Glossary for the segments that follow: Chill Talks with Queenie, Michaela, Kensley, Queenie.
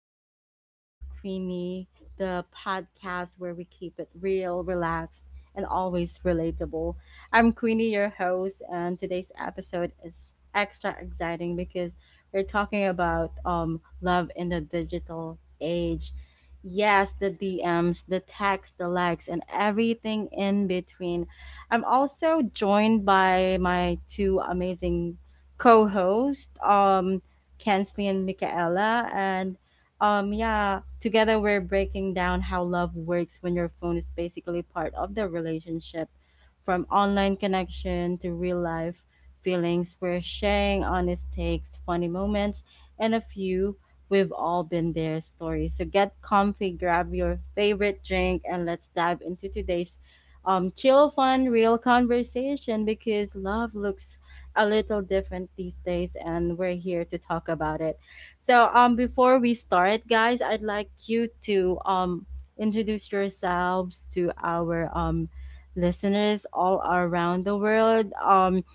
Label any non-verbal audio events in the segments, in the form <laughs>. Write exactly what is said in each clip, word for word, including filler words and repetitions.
Chill Talks with Queenie, the podcast where we keep it real, relaxed, and always relatable. I'm Queenie, your host, and today's episode is extra exciting because we're talking about um love in the digital age. Yes, the D Ms, the texts, the likes, and everything in between. I'm also joined by my two amazing co-hosts. Um Kensley and Michaela. And um, Yeah, together we're breaking down how love works when your phone is basically part of the relationship, from online connection to real life feelings. We're sharing honest takes, funny moments, and a few we've all been there stories. So get comfy, grab your favorite drink, and let's dive into today's um, chill, fun, real conversation because love looks a little different these days and we're here to talk about it. So um before we start guys, I'd like you to um introduce yourselves to our um listeners all around the world. Um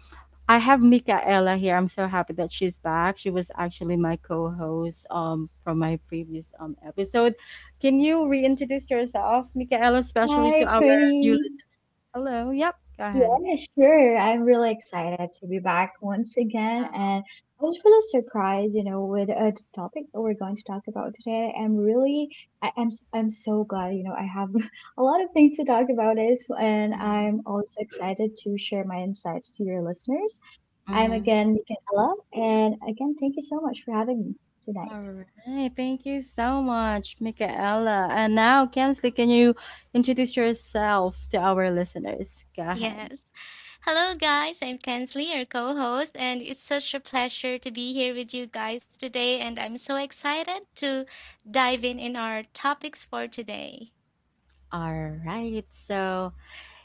I have Micaela here. I'm so happy that she's back. She was actually my co-host um from my previous um episode. Can you reintroduce yourself, Micaela, especially to Hi, our new Queenie. listeners? Hello. Yep. Go ahead. Yeah, sure. I'm really excited to be back once again. And I was really surprised, you know, with uh, the topic that we're going to talk about today. I'm really, I, I'm, s- I'm so glad, you know, I have <laughs> a lot of things to talk about this, and Mm-hmm. I'm also excited to share my insights to your listeners. I'm Mm-hmm. again Michaela, and again, thank you so much for having me tonight. All right. Thank you so much, Michaela. And now, Kensley, can you introduce yourself to our listeners? Go ahead. Yes. Hello, guys. I'm Kensley, your co host, and it's such a pleasure to be here with you guys today. And I'm so excited to dive in in our topics for today. All right. So,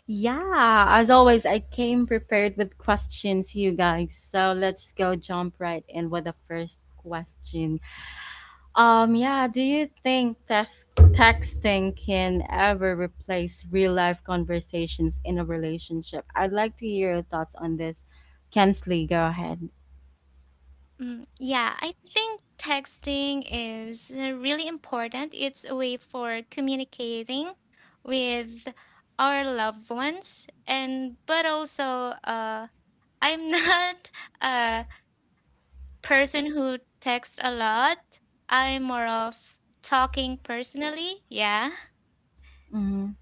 yeah, as always, I came prepared with questions, you guys. So, let's go jump right in with the first question. Um, yeah, do you think text texting can ever replace real life conversations in a relationship? I'd like to hear your thoughts on this. Kensley, go ahead. Mm, yeah, I think texting is uh, really important. It's a way for communicating with our loved ones, and but also, uh, I'm <laughs> not. Uh, Person who texts a lot. I'm more of talking personally. Yeah. Mhm.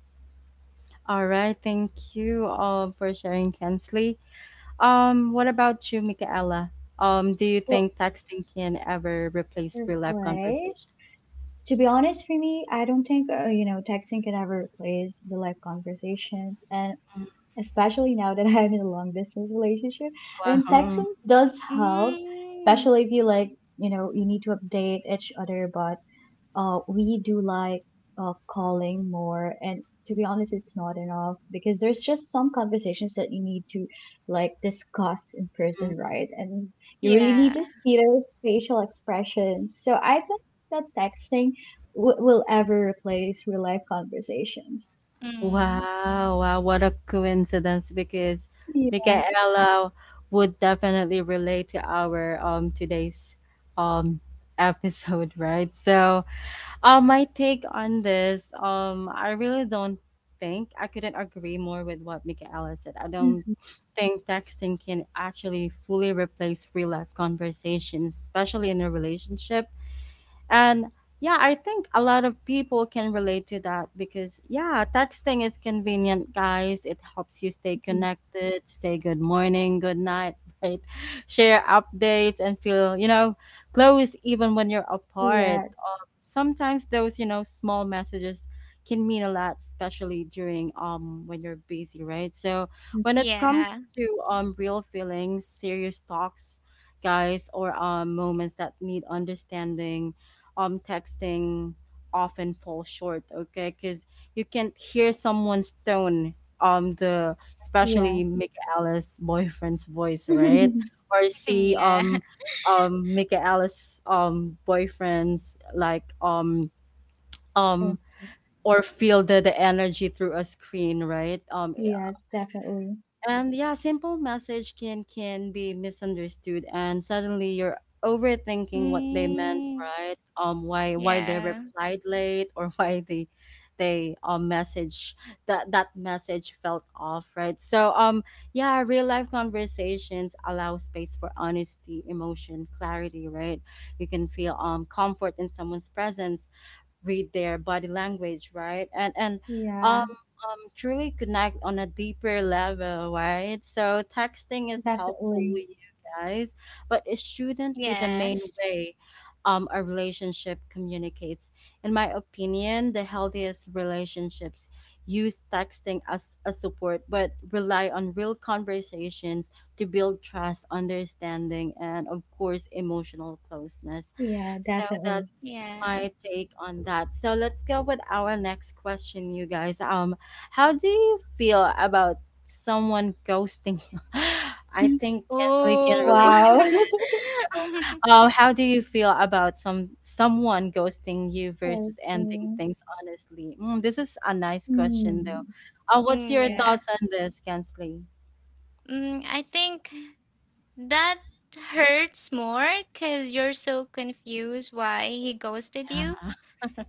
All right, thank you um, for sharing, Kensley. Um, what about you, Michaela? Um, do you Well, think texting can ever replace your real life place. conversations? To be honest, for me, I don't think, uh, you know, texting can ever replace the live conversations. And especially now that <laughs> I'm in a long distance relationship, I mean, Wow. texting does help, Mm. especially if you like, you know, you need to update each other about uh, we do like uh, calling more. And to be honest, it's not enough because there's just some conversations that you need to like discuss in Mm. person, right? And you really need Yeah. to see their facial expressions. So I don't think that texting w- will ever replace real life conversations. Mm. Wow, wow, what a coincidence because Yeah. Michaela would definitely relate to our um today's um <laughs> episode, right? So Uh, my take on this, um, I really don't think I couldn't agree more with what Michaela said. I don't Mhm. think texting can actually fully replace real life conversations, especially in a relationship. And yeah, I think a lot of people can relate to that because yeah, texting is convenient, guys. It helps you stay connected, say good morning, good night, right? <laughs> Share updates and feel, you know, close even when you're apart. Yeah. Um, sometimes those, you know, small messages can mean a lot, especially during um when you're busy, right? So when it comes Yeah. to um real feelings, serious talks, guys, or um moments that need understanding um texting often fall short, okay? Because you can't hear someone's tone, um the Yeah. especially Michaela's boyfriend's voice, right? <laughs> Or <laughs> see yeah. Um um michaela's um boyfriend's like um um And- or feel the, the energy through a screen, right? um yes, definitely. And yeah, simple message can can be misunderstood and suddenly you're overthinking what they meant, Mm. right? Um why why they Yeah. replied late or <laughs> why they they um message that that message felt off, right? So um yeah, real life conversations allow space for honesty, emotion, clarity, right? You can feel um comfort in someone's presence, read their body language, right? And and um Yeah, um truly connect on a deeper level, right? So texting is helpful definitely. with you guys, but it shouldn't be the main Yes. way um a relationship communicates. In my opinion, the healthiest relationships use texting as a support but rely on real conversations to build trust, understanding, and of course emotional closeness. Yeah, So definitely. that's Yeah. my take on that. So let's go with our next question, you guys. Um, how do you feel about someone ghosting you? <laughs> I <laughs> think Kensley can Oh. relate to Wow. <laughs> <laughs> that. Um, how do you feel about some someone ghosting you versus ending Interesting. things honestly? Mm, this is a nice question, though. Hmm. Uh, Mm, what's your Yeah. yeah. thoughts on this, Kensley? Mm, I think that hurts more because you're so confused why he ghosted you. Yeah.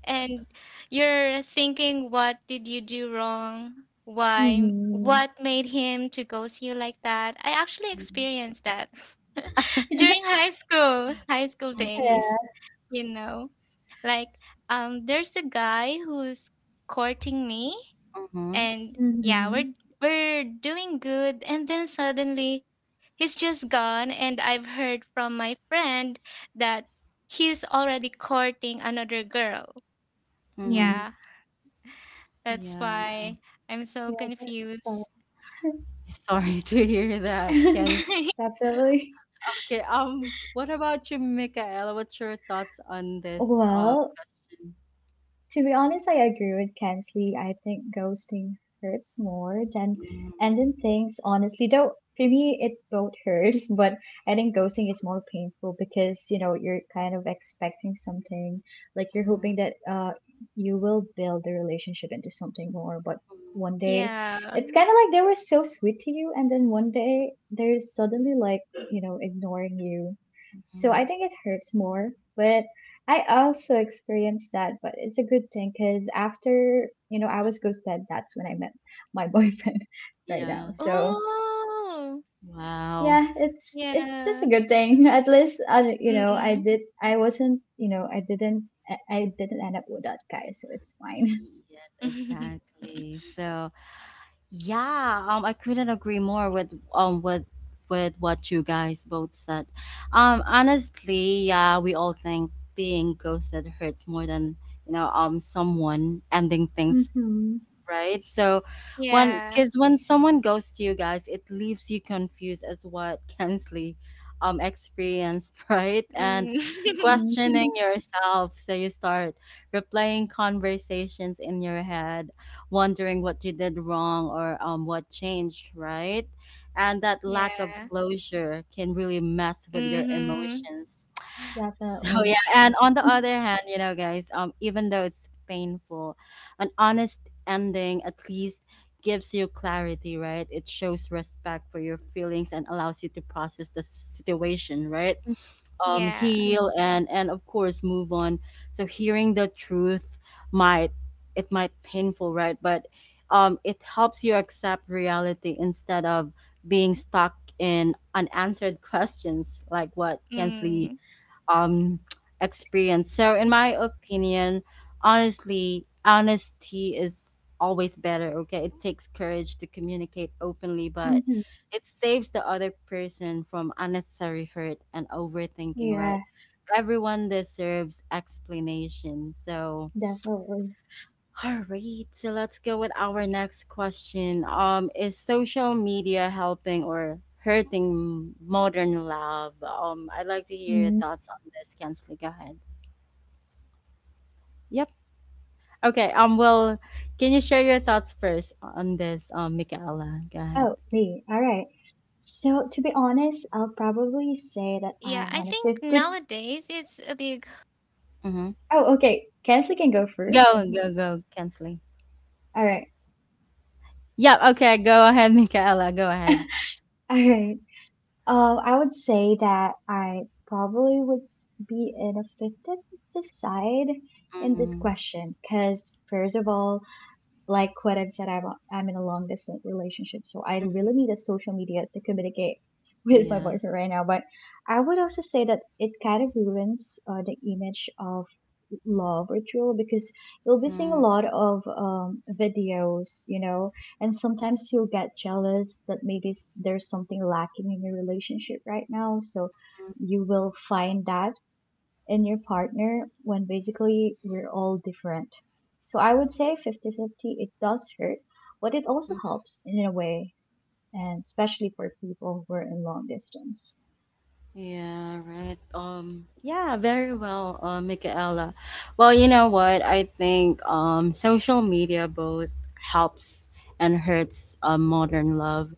And you're thinking, what did you do wrong, why, Mm-hmm. what made him to ghost you like that? I actually experienced that <laughs> during <laughs> high school high school Mm-hmm. days. Yeah. You know, like, um there's a guy who's courting me, and yeah, Mm-hmm. we're we're doing good, and then suddenly he's just gone, and I've heard from my friend that he's already courting another girl. Mm-hmm. Mm. Yeah, that's Yeah. why I'm so Yeah, that's uh, confused. <laughs> Sorry to hear that, Kensley. <laughs> <laughs> definitely. Okay. Um, what about you, Michaela? What's your thoughts on this uh, Well, question? to be honest, I agree with Kensley. I think ghosting hurts more than Mhm, ending things, honestly. Though, for me, it both hurts, <laughs> but I think ghosting is more painful because, you know, you're kind of expecting something. Like, you're mhm, hoping that uh, you will build the relationship into something more, but mhm, one day Yeah. it's kind of like they were so sweet to you, and then one day they're suddenly like, you know, ignoring you. So I mhm. think it hurts more. But I also experienced that, but it's a good thing because after, you know, I was ghosted, that's when I met my <laughs> boyfriend right now. Yeah. So Oh, Wow. yeah, it's it's just a yeah. good thing. <laughs> At least, I, you know, I Mm. did, I wasn't, you know, I didn't, I I didn't end up with that guy, so it's fine. <laughs> Yes, <laughs> exactly. So, yeah, um I couldn't agree more with um with with what you guys both said. Um honestly, yeah, we all think being ghosted hurts more than, you know, um someone ending things, Mm-hmm. right? So when Yeah. because when someone goes to you guys, it leaves you confused as what <laughs> Kensley um experienced, <laughs> right? And Mm. Hmm. <laughs> questioning <laughs> yourself. So you start replaying conversations in your head, wondering what you did wrong or um what changed, right? And that lack of Yeah. closure can really mess with your Mm-hmm. emotions. <laughs> So Definitely. yeah, and on the <laughs> other hand, you know, guys, um, even though it's painful, an honest ending at least gives you clarity, right? It shows respect for your feelings and allows you to process the situation, right? Um, Yeah. heal and and of course move on. So hearing the truth might it might painful, right? But um, it helps you accept reality instead of being stuck in unanswered <laughs> questions like what Kensley Mm. um <tsk> experience. So in my opinion, honestly, honesty is always better, okay? It takes courage to communicate openly, but Mm-hmm. it saves the other person from unnecessary hurt and overthinking, Yeah, right? Everyone deserves explanation. So definitely. all right, so let's go with our next question. Um, is social media helping or hurting modern love? Um, I'd like to hear your Mm. thoughts on this, Kensley. Go ahead. Yep. Yeah, I think Okay. Um, nowadays well, it's a can you big share your thoughts part first of on our this, um, lives in Michaela? Go every ahead. Oh, in me. All right. every So, people. to be Yeah. honest, I'll probably say that I'm on a fifty. Mm-hmm. Oh, okay. Guess can go Go, first. go, go, Kensley. All right. Yeah. Okay. Go ahead, <laughs> Michaela. Go ahead. <laughs> All right. Um, I would say that I probably would be ineffective to decide in this Mm-hmm. question because, first of all, like what I've said, I'm, I'm in a long distance relationship, so I really need a social media to communicate <laughs> with my Yes. boyfriend right now. But I would also say that it kind of ruins uh, the image of love ritual because you'll be seeing Mm-hmm. a lot of um, videos, you know, and sometimes you'll get jealous that maybe s- there's something lacking in your relationship right now. So you will find that in your partner when basically we're all different. So I would say fifty-fifty. It does hurt, but it also helps in a way, and especially for people who are in long distance. Yeah, right. Um, yeah, very well, uh, Michaela. Well, you know what? I think um, social media both helps and hurts uh, modern love,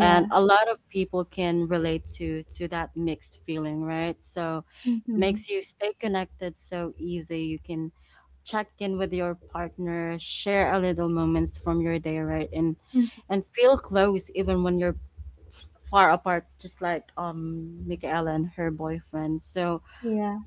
and a lot of people can relate to to that mixed feeling, right? So it Mm-hmm, makes you stay connected so easy. You can check in with your partner, share a little moments from your day, right? And mm-hmm. and feel close even when you're f- far apart just like um Michaela and her boyfriend. So Yeah.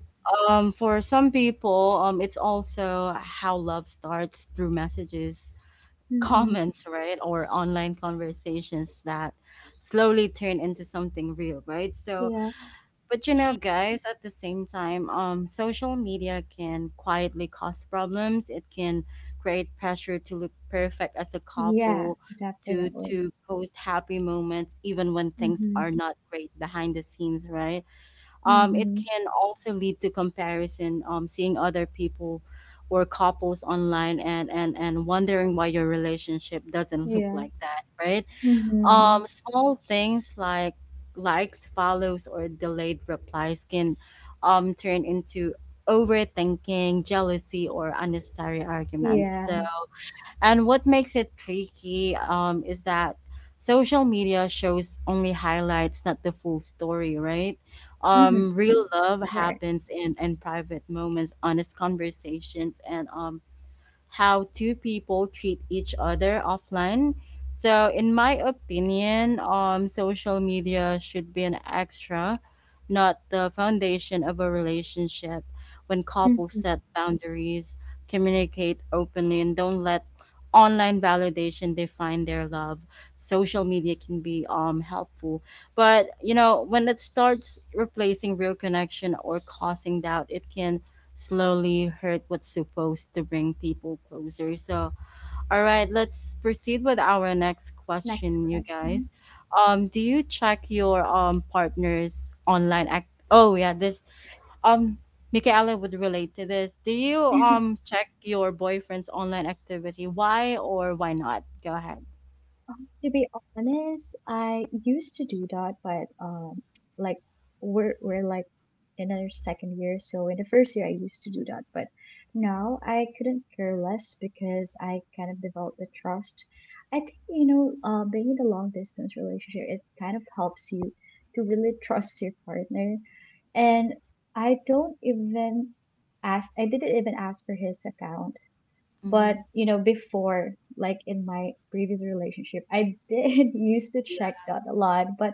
um for some people um it's also how love starts through messages, <laughs> Mm-hmm. comments, right? Or Mm. online conversations that slowly turn into something real, right? So Yeah. but you know, guys, at the same time, um, social media can quietly cause problems. It can create pressure to look perfect as a Yeah, couple, to definitely. to post happy moments even when things Mm-hmm. are not great behind the scenes, right? Um, it Mm-hmm. can also lead to comparison, um, seeing other people or couples online and and and wondering why your relationship doesn't <laughs> look Yeah. like that, right? Mm-hmm. Um, small things like likes, follows, or delayed replies can um turn into overthinking, jealousy, or unnecessary arguments. Yeah. So, and what makes it tricky um is that social media shows only highlights, not the full story, right? Mm-hmm. Um, real love Right. happens in in private moments, honest conversations, and um how two people treat each other offline. So, in my opinion, um, social media should be an extra, not the foundation of a relationship. When couples Mm-hmm. set boundaries, communicate openly, and don't let online validation define their love, social media can be um helpful. But you know, when it starts replacing real connection or causing doubt, it can slowly hurt what's supposed to bring people closer. So, all right, let's proceed with our next Next question, you guys. question. Um, do you check your um partner's online act? Oh yeah, this um. Michaela would relate to this. Do you <laughs> um check your boyfriend's online activity? Why or why not? Go ahead. Um, to be honest, I used to do that, but um, like we're we're like in our second year, so in the first year I used to do that, but now I couldn't care less because I kind of developed the trust. I think you know, uh, being in a long distance relationship, it kind of helps you to really <laughs> trust your partner. And I don't even ask, I didn't even ask for his account. But, Hmm. you know, before, like in my previous relationship, I did <laughs> used to Yeah. check that a lot, but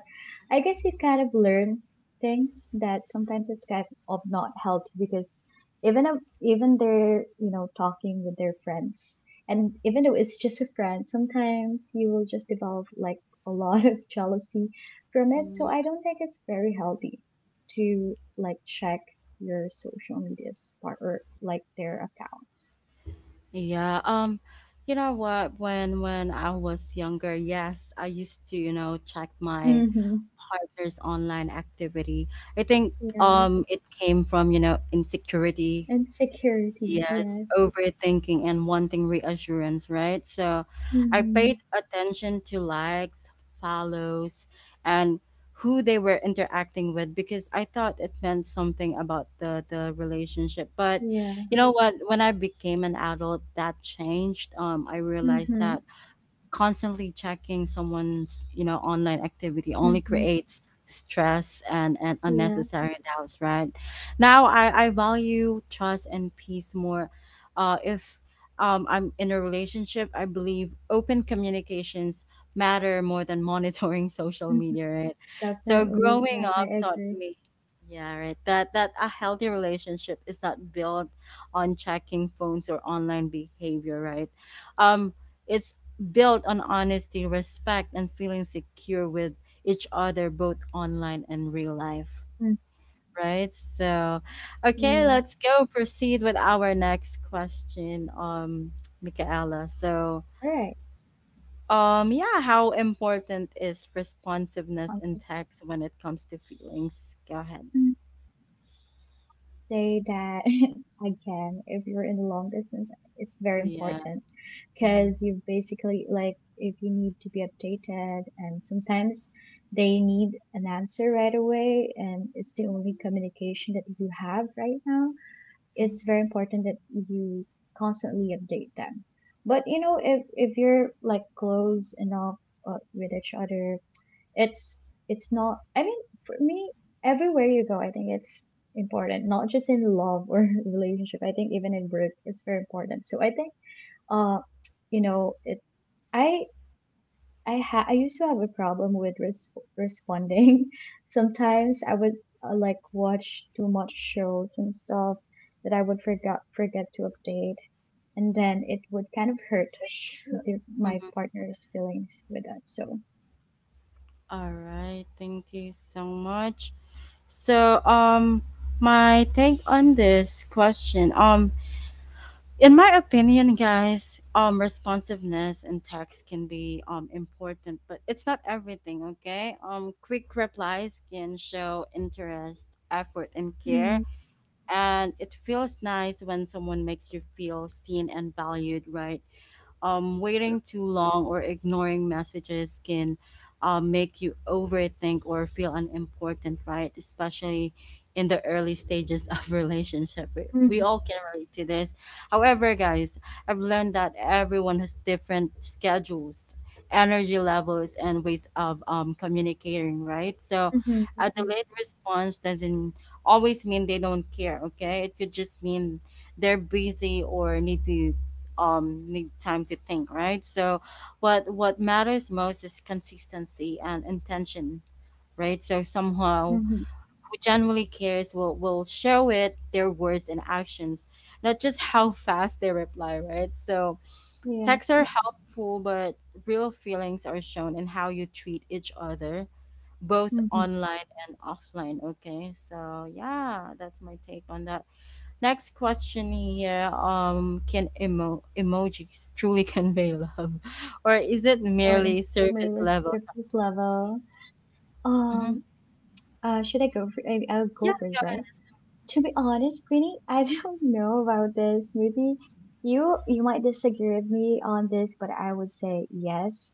I guess you kind of learn things that sometimes it's kind of not healthy because even if, even they're, you know, talking with their friends and even though it's just a friend, sometimes you will just develop like a lot <laughs> of jealousy from it. So Mm. I don't think it's very healthy to like check your social media's part or like their accounts. Yeah, um, you know what, when when I was younger, yes, I used to, you know, check my Hmm. partner's online activity. I think Yes, um it came from, you know, insecurity, and security, yes, yes. overthinking and wanting reassurance, right? So I paid Mhm. attention to likes, follows, and who they were interacting with because I thought it meant something about the the relationship. But Yeah. you know what, when I became an adult that changed. Um I realized that Mhm. constantly checking someone's, you know, online activity only Mhm. creates stress and, and Yeah. unnecessary doubts. Right now I, I value trust and peace more. Uh, if um, I'm in a relationship. I believe open communications matter more than monitoring <laughs> social Mhm. media, right? So Definitely. growing Yeah, I up taught agree. me, yeah, right, that that a healthy relationship is not built on checking phones or online behavior, right? um it's built on honesty, respect, and feeling secure with each other, both online and real life. Mm. Right? So, okay, Yeah. let's go proceed with our next question, um, Michaela. So, All right. um, yeah, how important is responsiveness in Awesome. text when it comes to feelings? Go ahead. Mm. Say that <laughs> again. If you're in the long distance, it's very Yeah. important Mm-hmm. because you basically like if you need to be updated, and sometimes they need an answer right away, and it's the only communication that you have right now it's very important that you constantly update them. But you know, if if you're like close enough uh, with each other, it's it's not. I mean, for me, everywhere you go, I think it's important. Not just in love or <laughs> relationship. I think even in work, it's very important. So I think, uh, you know, it. I I ha- I used to have a problem with res- responding. <laughs> Sometimes I would uh, like watch too much shows and stuff that I would forget forget to update, and then it would kind of hurt the, my Mm-hmm. partner's feelings with that. So All right. Thank you so much. So, um, my take on this question, um, in my opinion, guys, um, responsiveness in text can be um important, but it's not everything. Okay, um, quick replies can show interest, effort, and care, Mm-hmm. and it feels nice when someone makes you feel seen and valued, right? Um, waiting too long or ignoring messages can uh, make you overthink or feel unimportant, right? Especially in the early stages of <laughs> relationship. We, Mm-hmm. we all can relate to this. However, guys, I've learned that everyone has different schedules, energy levels, and ways of um, communicating, right? So a Mm-hmm. delayed response doesn't always mean they don't care, okay? It could just mean they're busy or need to um need time to think, right? So what what matters most is consistency and intention, right? So somehow Mm-hmm. who genuinely cares will will show it their words and actions, not just how fast they reply, right? So Yeah. texts are helpful, but real feelings are shown in how you treat each other, both Mm-hmm. online and offline. Okay, so yeah, that's my take on that. Next question here. Um, can emo- emojis truly convey love, <laughs> or is it or im- merely surface More level? surface level. Mm-hmm. Um, uh, should I go? For, I, I'll Yeah. go first, right? To be honest, Queenie, I don't <laughs> know about this. Maybe you you might disagree with me on this, but I would say yes.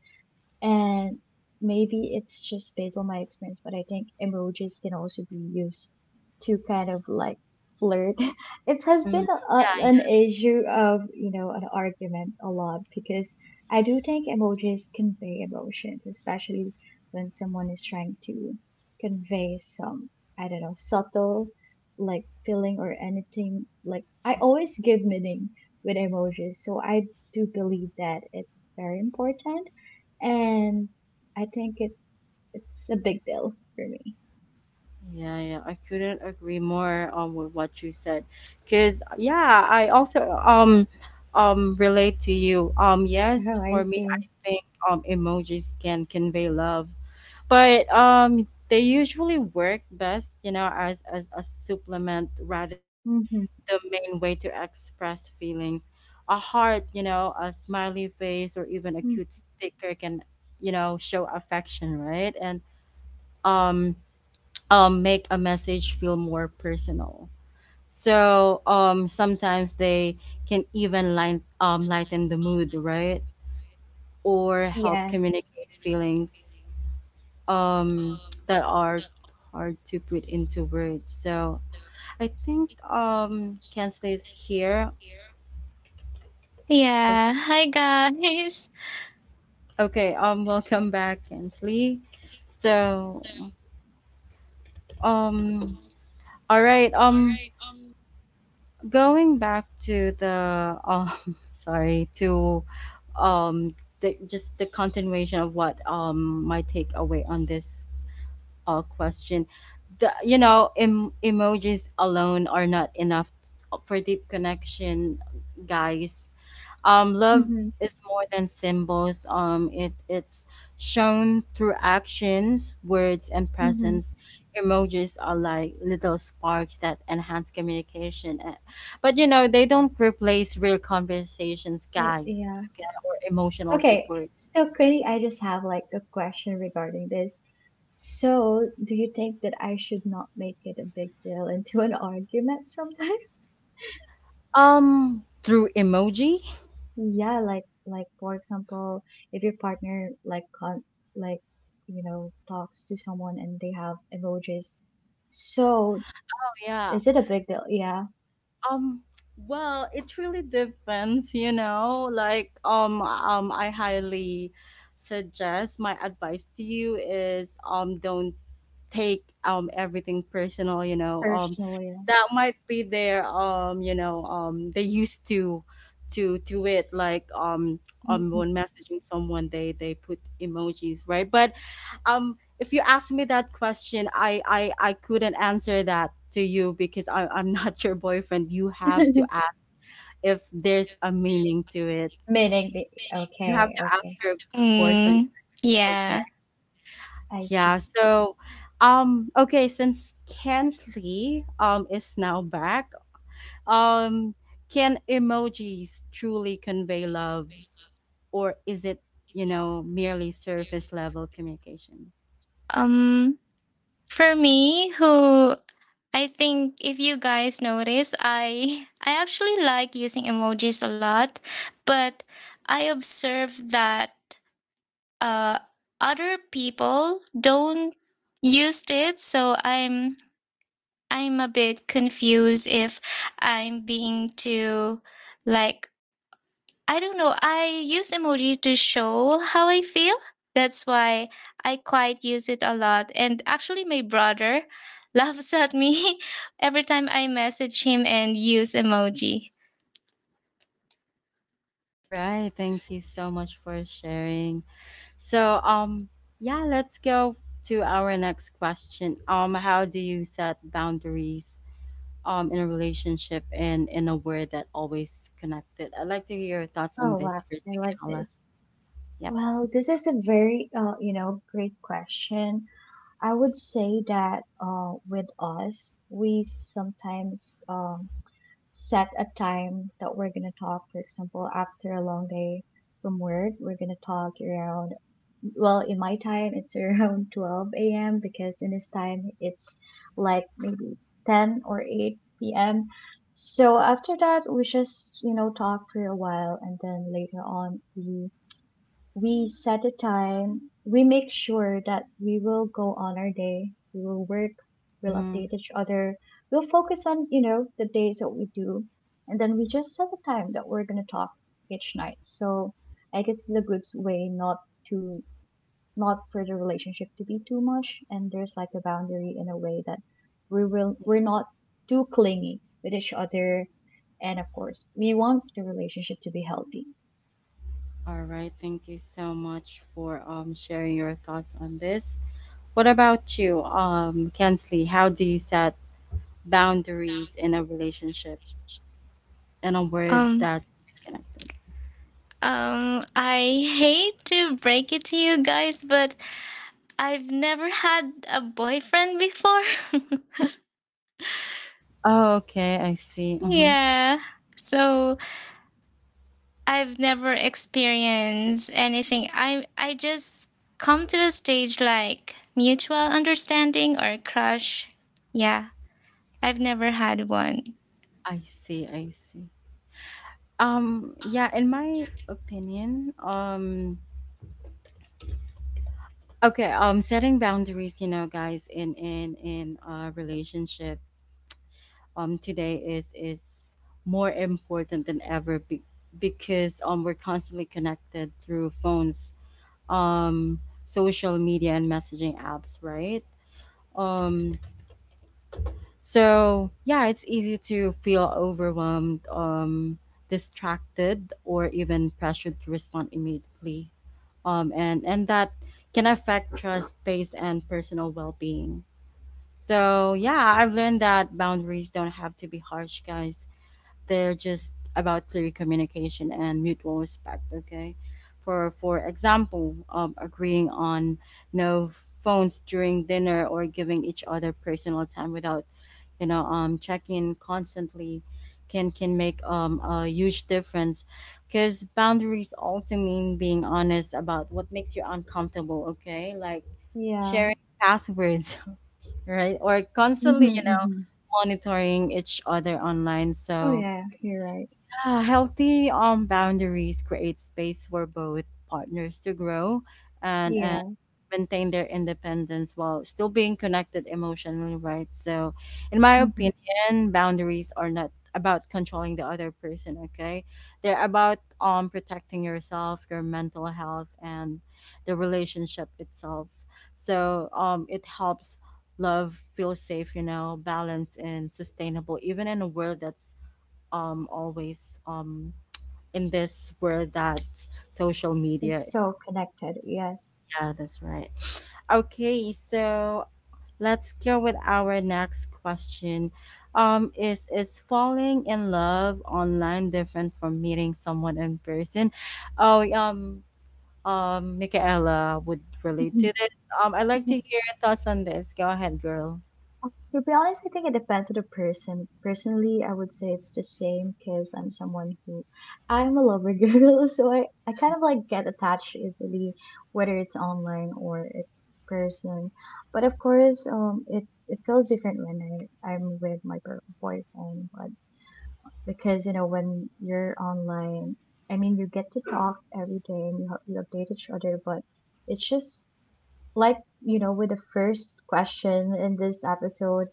And maybe it's just based on my experience, but I think emojis can also be used to kind of like flirt. <laughs> It has been Mm, a, yeah, a, yeah, an issue of, you know, an argument a lot because I do think emojis convey emotions, especially when someone is trying to convey some, I don't know, subtle like feeling or anything. Like I always give meaning with emojis, so I do believe that it's very important and I think it it's a big deal for me. yeah, yeah. I couldn't agree more um with what you said, because yeah, I also um um relate to you. Um, yes, Oh, I for me, see. I think um emojis can convey love, but um they usually work best, you know, as as a supplement rather than Mm-hmm, the main way to express feelings. A heart, you know, a smiley face, or even a mm, cute sticker can, you know, show affection, right? And um, um, make a message feel more personal. So um, sometimes they can even light, um, lighten the mood, right? Or help yes, communicate feelings um, that are hard to put into words. So I think um, Kensley is here. Yeah. Hi, guys. <laughs> Okay, um welcome back, Kensley. So, um all right, um going back to the um <laughs> sorry, to um the, just the continuation of what um my takeaway on this all question. The you know em- emojis alone are not enough for deep connection, guys. Um, love mm-hmm, is more than symbols. Um, it it's shown through actions, words, and mm-hmm. presence. Emojis are like little sparks that enhance communication, eh, but you know they don't replace real conversations, Uh, guys, yeah. or emotional Okay, support. so Quinny, I just have like a question regarding this. So, do you think that I should not make it a big deal into an <laughs> argument sometimes? Um, through emoji. Yeah, like like for example, if your partner like con like you know talks to someone and they have emojis, so Oh, yeah. is it a big deal? Yeah, Um, well, it really depends, you know. Like, um, um, I highly suggest my advice to you is um, don't take um everything personal. You know, um, personal, yeah. that might be their um you know um they used to to do it like um um Mhm. when messaging someone they they put emojis, right? But um if you ask me that question, i i i couldn't answer that to you because I, i'm not <laughs> your boyfriend. You have to <laughs> ask if there's a meaning to it. Meaning the You have okay, to ask okay. your boyfriend, Mm, okay? yeah. I see. Yeah, so um okay, since Kensley um is now back, um can emojis truly convey love, or is it, you know, merely surface level communication? Um for me who I think, if you guys notice, I <laughs> I actually like using emojis a lot, but I observe that uh other people don't used it, so I'm I'm a bit confused if I'm being too, like, I don't know. I use emoji to show how I feel. That's why I quite use it a lot. And actually, my brother <laughs> laughs at me <laughs> every time I message him and use emoji. All right, thank you so much for sharing. So um yeah, let's go to our next question. Um, how do you set boundaries um in a relationship and in a word that always connected? I'd like to hear your thoughts on Oh wow, this first, I like Michaela. this. Yep. Well, this is a very uh, you know, great question. I would say that uh with us, we sometimes um set a time that we're gonna talk. For example, after a long day from work, we're gonna talk around. Well, in my time, it's <laughs> around twelve a m because in his time, it's like maybe ten or eight p m. So after that, we just you know talk for a while, and then later on we we set a time. We make sure that we will go on our day. We will work. We'll Mhm. update each other. We'll focus on, you know, the days that we do. And then we just set a time that we're going to talk each night. So I guess it's a good way not to, not for the relationship to be too much. And there's like a boundary in a way that we will, we're not too clingy with each other. And of course, we want the relationship to be healthy. All right, thank you so much for um sharing your thoughts on this. What about you, um, Kensley? How do you set boundaries in a relationship in a word Um, that's disconnected? um, I hate to break it to you guys, but I've never had a boyfriend before. <laughs> Oh, okay, I see. Mm-hmm. yeah. So I've never experienced anything. I I just come to a stage like mutual understanding or crush. Yeah, I've never had one. I see. I see. Um, yeah, in my opinion, um, okay, um, setting boundaries, you know, guys, in in in a relationship, um, today is is more important than ever be- because um we're constantly connected through phones, um social media and messaging apps, right? um so yeah, it's easy to feel overwhelmed, um distracted, or even pressured to respond immediately, um and and that can affect trust, space, and personal well-being. So yeah, I've learned that boundaries don't have to be harsh, guys. They're just about clear communication and mutual respect, okay? For for example, um, agreeing on no phones during dinner or giving each other personal time without, you know, um, checking constantly can can make um, a huge difference, because boundaries also mean being honest about what makes you uncomfortable, okay? Like Yeah. sharing passwords <laughs> right, or Mm-hmm, constantly, you know, mm-hmm. monitoring each other online. Oh So yeah, you're right. ah, healthy um boundaries create space for both partners to grow and and Yeah. maintain their independence while still being connected emotionally, right? So, in my Mhm. opinion, boundaries are not about controlling the other person, okay? They're about um protecting yourself, your mental health, and the relationship itself. So, um it helps love feel safe, you know, balanced and sustainable even in a world that's um always um in this world that social media. It's so connected, yes. Yeah, that's right. Okay, so let's go with our next question. Um, is is falling in love online different from meeting someone in person? Oh, um um Michaela would relate Mhm. to this. Um, I'd like to hear your thoughts on this. Go ahead, girl. To be honest, I think it depends on the person. Personally, I would say it's the same because I'm someone who I'm a lover <laughs> girl, so I, I kind of like get attached easily, whether it's online or it's person. But of course, um, it's it feels different when I, I'm with my per- boyfriend. But because you know when you're online I mean you get to talk every day and you, help- you update each other but it's just like you know with the first question in this episode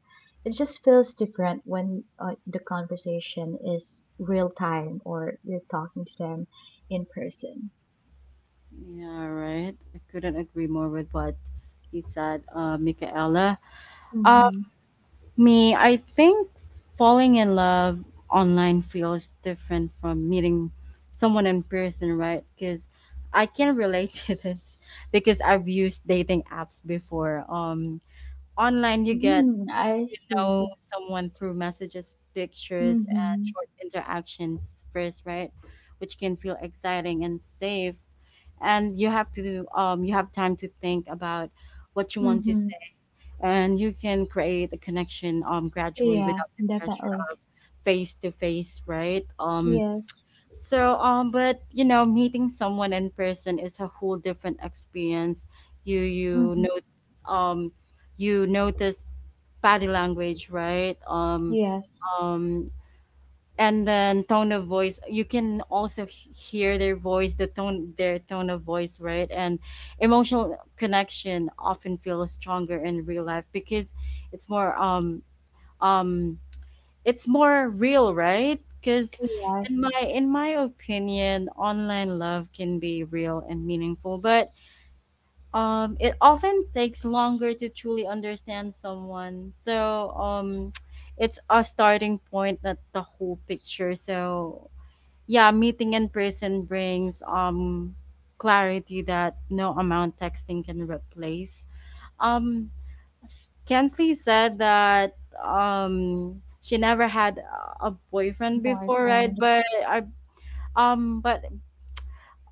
it just feels different when uh, the conversation is real time or you're talking to them in person. Yeah, right, I couldn't agree more with what you said, uh, Michaela. Mm-hmm. Me, I think falling in love online feels different from meeting someone in person, right? Because I can relate <laughs> to this, because I've used dating apps before. Um, online, you get Mm, I to see. know someone through messages, pictures, and Mm-hmm. short interactions first, right? Which can feel exciting and safe. And you have to um, you have time to think about what you want to, Mm-hmm. and you can create a connection um gradually Yeah, without the pressure definitely. of face to face, right? Um, Yes. so um but you know, meeting someone in person is a whole different experience. you you Mm-hmm. know, um you notice body language, right? Um yes. um and then tone of voice, you can also h- hear their voice, the tone, their tone of voice, right? And emotional connection often feels stronger in real life because it's more um um it's more real, right? Because in Yes. my, in my opinion, online love can be real and meaningful, but um it often takes longer to truly understand someone. So um, <tsk> it's a starting point, not the whole picture. So yeah, meeting in person brings um clarity that no amount texting can replace. Um, Kensley said that um she never had a boyfriend before, right? Boyfriend. But I um but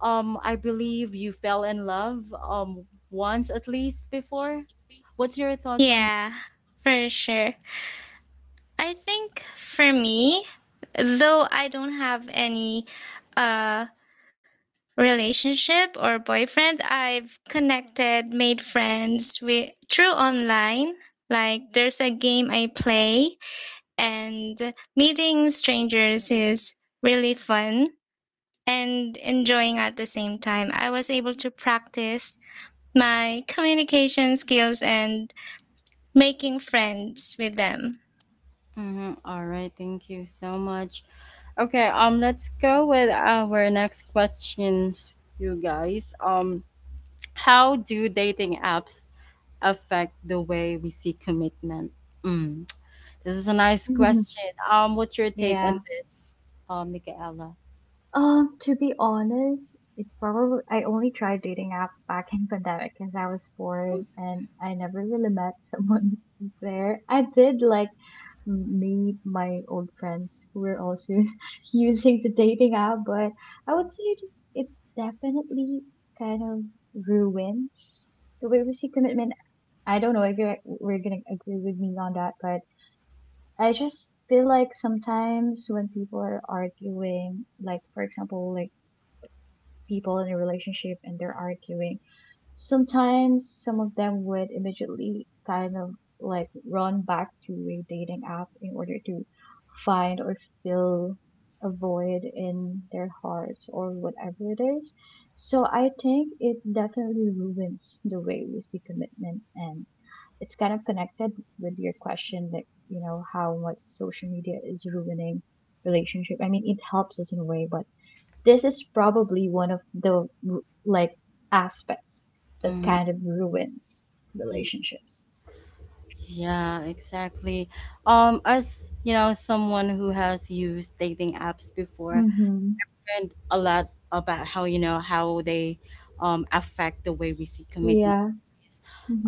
um I believe you fell in love um once at least before. What's your thoughts on? Yeah, for sure. I think for me, though I don't have any uh relationship or boyfriend, I've connected, made friends with through online. Like, there's a game I play, and meeting strangers is really fun and enjoying at the same time. I was able to practice my <laughs> communication skills and making friends with them. Mm-hmm. All right, thank you so much. Okay, um, let's go with our next questions, you guys. Um, How do dating apps affect the way we see commitment? Mm. This is a nice <laughs> question. Um, what's your take on Yeah. this, uh, Michaela? Um, to be honest, it's probably I only tried dating app back in pandemic because I was bored and I never really met someone <laughs> there. I did like m- meet my old friends who were also <laughs> using the dating app, but I would say it, it definitely kind of ruins the way we see commitment. I don't know if you're, we're gonna agree with me on that, but I just feel like sometimes when people are arguing, like for example, like people in a relationship and they're arguing, sometimes some of them would immediately kind of like run back to a dating app in order to find or fill a void in their heart or whatever it is. So I think it definitely ruins the way we see commitment, and it's kind of connected with your question, like you know how much social media is ruining relationship. I mean, it helps us in a way, but this is probably one of the r- like aspects that Mm, kind of ruins y- relationships. yeah, exactly. Um, as you know, someone who has used dating apps before, Mm-hmm. learned a lot about how, you know, how they um, affect the way we see commitment. Yeah.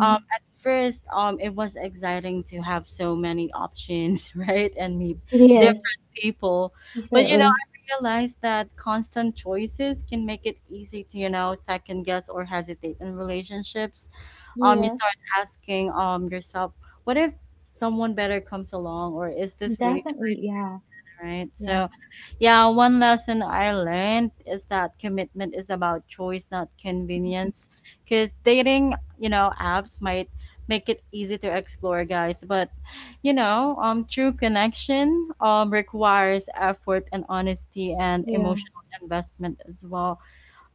Um, at first, um, it was exciting to have so many options, <laughs> right, and meet Yes, different people. But you know, definitely. I realized that constant choices can make it easy to, you know, second guess or hesitate in relationships. Um, you Yeah, start asking um yourself, what if someone better comes along, or is this really? definitely. Yeah, Right? yeah. So, yeah, one lesson I learned is that commitment is about choice, not Mhm. convenience. Because dating, you know, apps might make it easy to explore, guys, but you know, um, true connection um requires effort and honesty and Yeah. emotional investment as well.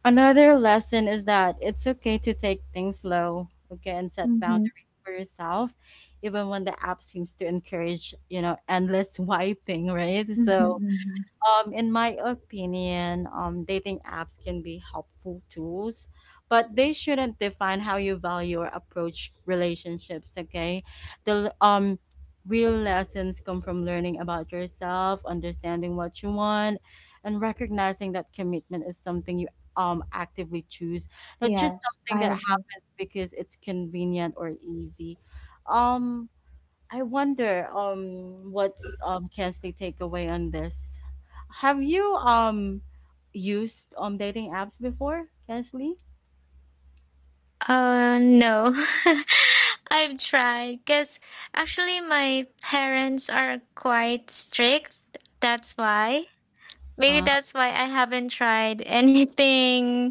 Another lesson is that it's okay to take things slow, okay, and set Mm-hmm. boundaries for yourself, even when the app seems to encourage, you know, endless <laughs> swiping, right? Mm-hmm. So Mm-hmm. um, in my opinion, um, dating apps can be helpful tools, but they shouldn't define how you value or approach relationships. Okay, the um, real lessons come from learning about yourself, understanding what you want, and recognizing that commitment is something you um actively choose, not just Yes, something I that agree. happens because it's convenient or easy. Um, I wonder um what's um Kensley takeaway on this. Have you um used um dating apps before, Kensley? Uh, no, <laughs> I've tried because actually my parents are quite strict. That's why. Maybe Uh, that's why I haven't tried <laughs> anything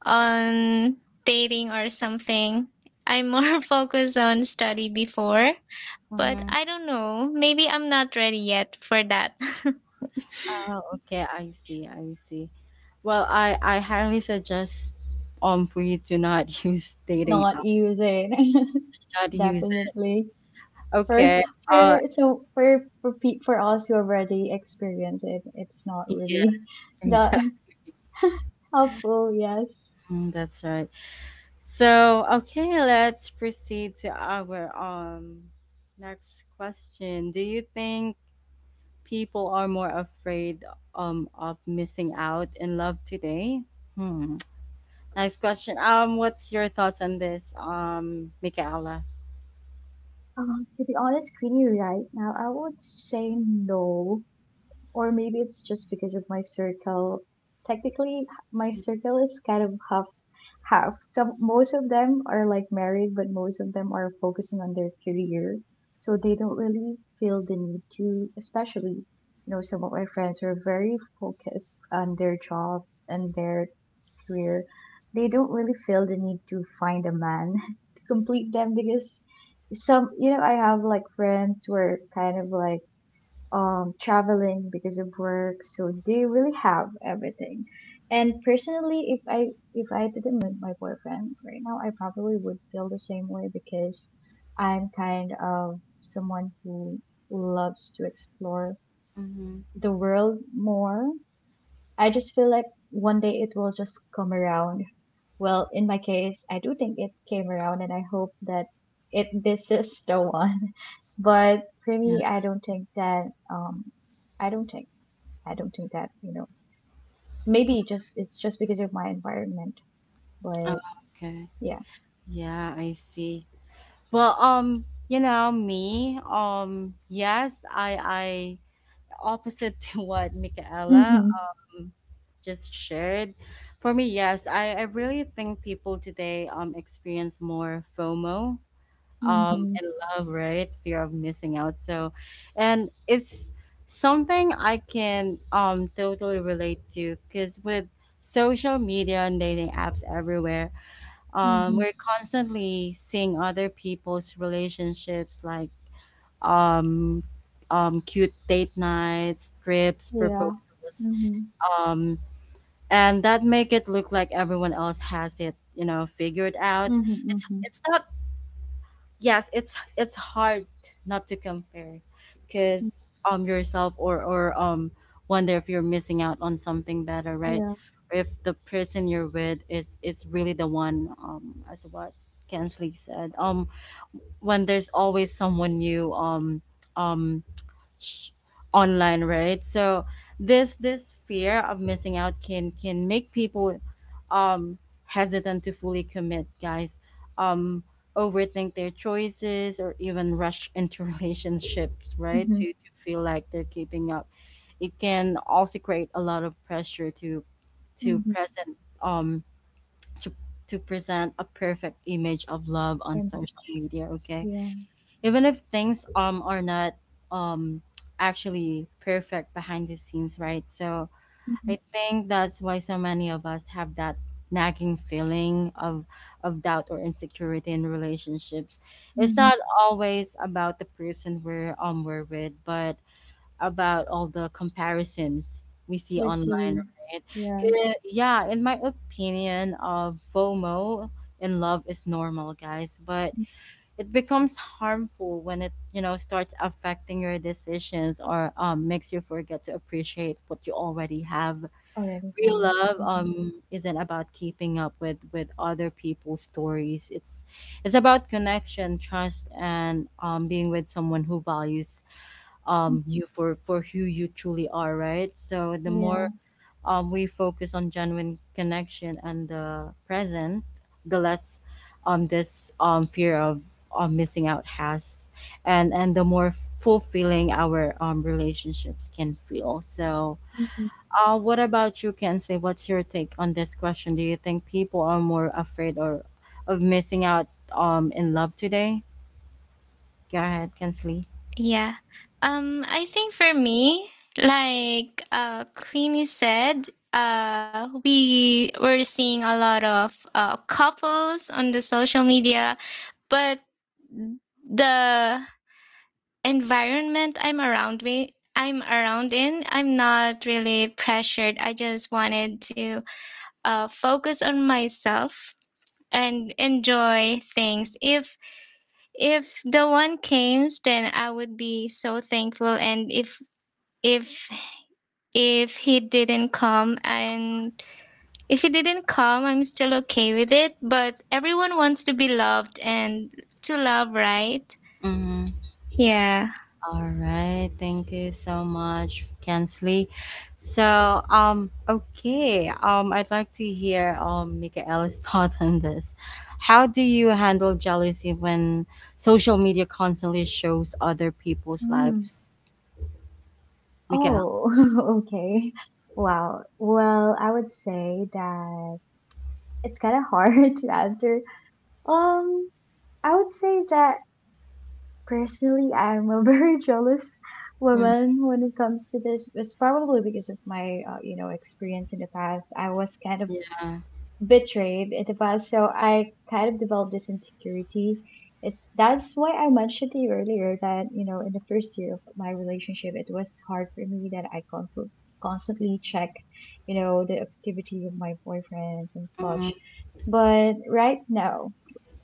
on dating or something. I'm more <laughs> focused on study before, but mhm. I don't know. Maybe I'm not ready yet for that. Oh, okay, I see, I see. Well, I I highly suggest um for you to not <laughs> use dating Not app, using, <laughs> not use it. definitely. For Okay. Uh, for so for for pe- for us who already experienced it, it's not yeah, really <laughs> <laughs> that exactly. helpful. Yes. Mm, that's right. So, okay, let's proceed to our um next question. Do you think people are more afraid um of missing out in love today? Hmm. Nice question. Um, what's your thoughts on this, um, Michaela? Um, to be honest, Queenie, right now, I would say no. Or maybe it's just because of my circle. Technically, my circle is kind of half, have some, most of them are like married, but most of them are focusing on their career, so they don't really feel the need to. Especially, you know, some of my friends were very focused on their jobs and their career. They don't really feel the need to find a man <laughs> to complete them, because some, you know, I have like friends who are kind of like um, traveling because of work. So they really have everything. And personally, if I, if I didn't meet my boyfriend right now, I probably would feel the same way, because I'm kind of someone who loves to explore Mm-hmm. the world more. I just feel like one day it will just come around. Well, in my case, I do think it came around, and I hope that it this is the one. <laughs> But for Yeah. me, I don't think that um, I don't think. I don't think that, you know, maybe it just it's just because of my environment, Oh, but okay. yeah. Yeah, I see. Well, um, you know me. Um, yes, I, I opposite <laughs> to what Michaela Mhm. um just shared. For me, yes, I, I really think people today um experience more FOMO um Mhm. and love, right? Fear of missing out so and it's something I can um totally relate to because with social media and dating apps everywhere, um Mhm. we're constantly seeing other people's relationships, like um um cute date nights, trips, Yeah. proposals, Mhm. um and that make it look like everyone else has it you know figured out. Mhm. It's Mhm. it's not Yes, it's it's hard not to compare because Mm. um yourself or or um wonder if you're missing out on something better, right? Yeah. If the person you're with is is really the one, um as what Kensley said, um when there's always someone new, um um sh- online, right? So this this fear of missing out can can make people um hesitant to fully commit, guys, um overthink their choices, or even rush into <laughs> relationships, right, Mhm. to to feel like they're keeping up. It can also create a lot of pressure to to Mhm. present um to, to present a perfect image of love on And then- social media, okay, Yeah. even if things um are not um actually perfect behind the scenes, right? So Mhm. I think that's why so many of us have that nagging feeling of of doubt or insecurity in relationships. It's Mhm. not always about the person we're um we're with, but about all the comparisons we see We online, see. right? Yeah. 'Cause, yeah, in my opinion, of FOMO in love is normal, guys, but Mm. it becomes harmful when it you know starts affecting your decisions or um, makes you forget to appreciate what you already have. Already Real have. love Mhm. um, isn't about keeping up with with other people's stories. It's it's about connection, trust, and um, being with someone who values Mm. um, you for for who you truly are, right? So the more Yeah. um, we focus on genuine connection and the present, the less um, this um, fear of um, missing out has, and and the more fulfilling our um, relationships can feel. So, Mhm. uh, what about you, Can say What's your take on this question? Do you think people are more afraid or of missing out um in love today? Go ahead, Kensley. <laughs> yeah. Um I think for me, like, uh Queenie said, uh we were seeing a lot of uh couples on the social media, but the environment I'm around me I'm around in, I'm not really pressured. I just wanted to uh, focus on myself and enjoy things. If if the one came, then I would be so thankful. And if if if he didn't come, and if he didn't come, I'm still okay with it. But everyone wants to be loved and to love, right? Yeah, All right, thank you so much, Kensley. So, um, okay, um, I'd like to hear um Michaela's <laughs> thought on this. How do you handle jealousy when social media constantly shows other people's Mm. lives, Michaela? Oh, <laughs> okay. Wow. Well, I would say that it's kind of hard <laughs> to answer. Um, I would say that personally, I'm a <laughs> very jealous Mm, woman when it comes to this. It's probably because of my, uh, you know, experience in the past. I was kind of yeah, betrayed. It was so, I kind of developed this insecurity. It that's why I mentioned to you earlier that, you know, in the first year of my relationship, it was hard for me that I constantly constantly check, you know, the activity of my boyfriends and mm, such. But right now,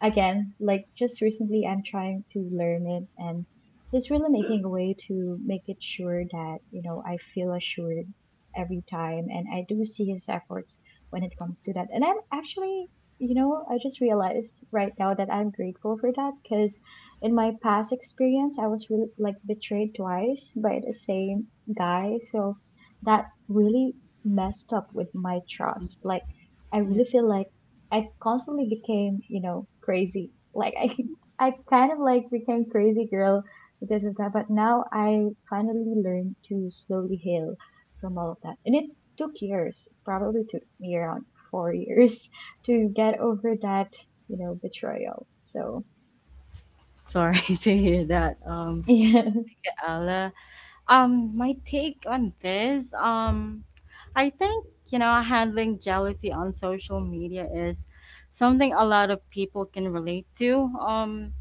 again, like just recently, I'm trying to learn it, and it's really making a way to make it sure that, you know, I feel assured every time, and I do see his efforts when it comes to that. And I'm actually, you know, I just realized right now that I'm grateful for that, because in my past experience, I was really like betrayed twice by the same guy. So that really messed up with my trust. Like, I yeah. really feel like I constantly became, you know, crazy. Like, I, <laughs> I kind of like became crazy girl because of that. But now I finally learned to slowly heal from all of that. And it took years, probably took me around four years <laughs> to get over that, you know, betrayal. So, S- Sorry <laughs> to hear that, um, <laughs> yeah. Michaela. Um, my take on this, um, I think, you know, handling jealousy on social media is something a lot of people can relate to. Um,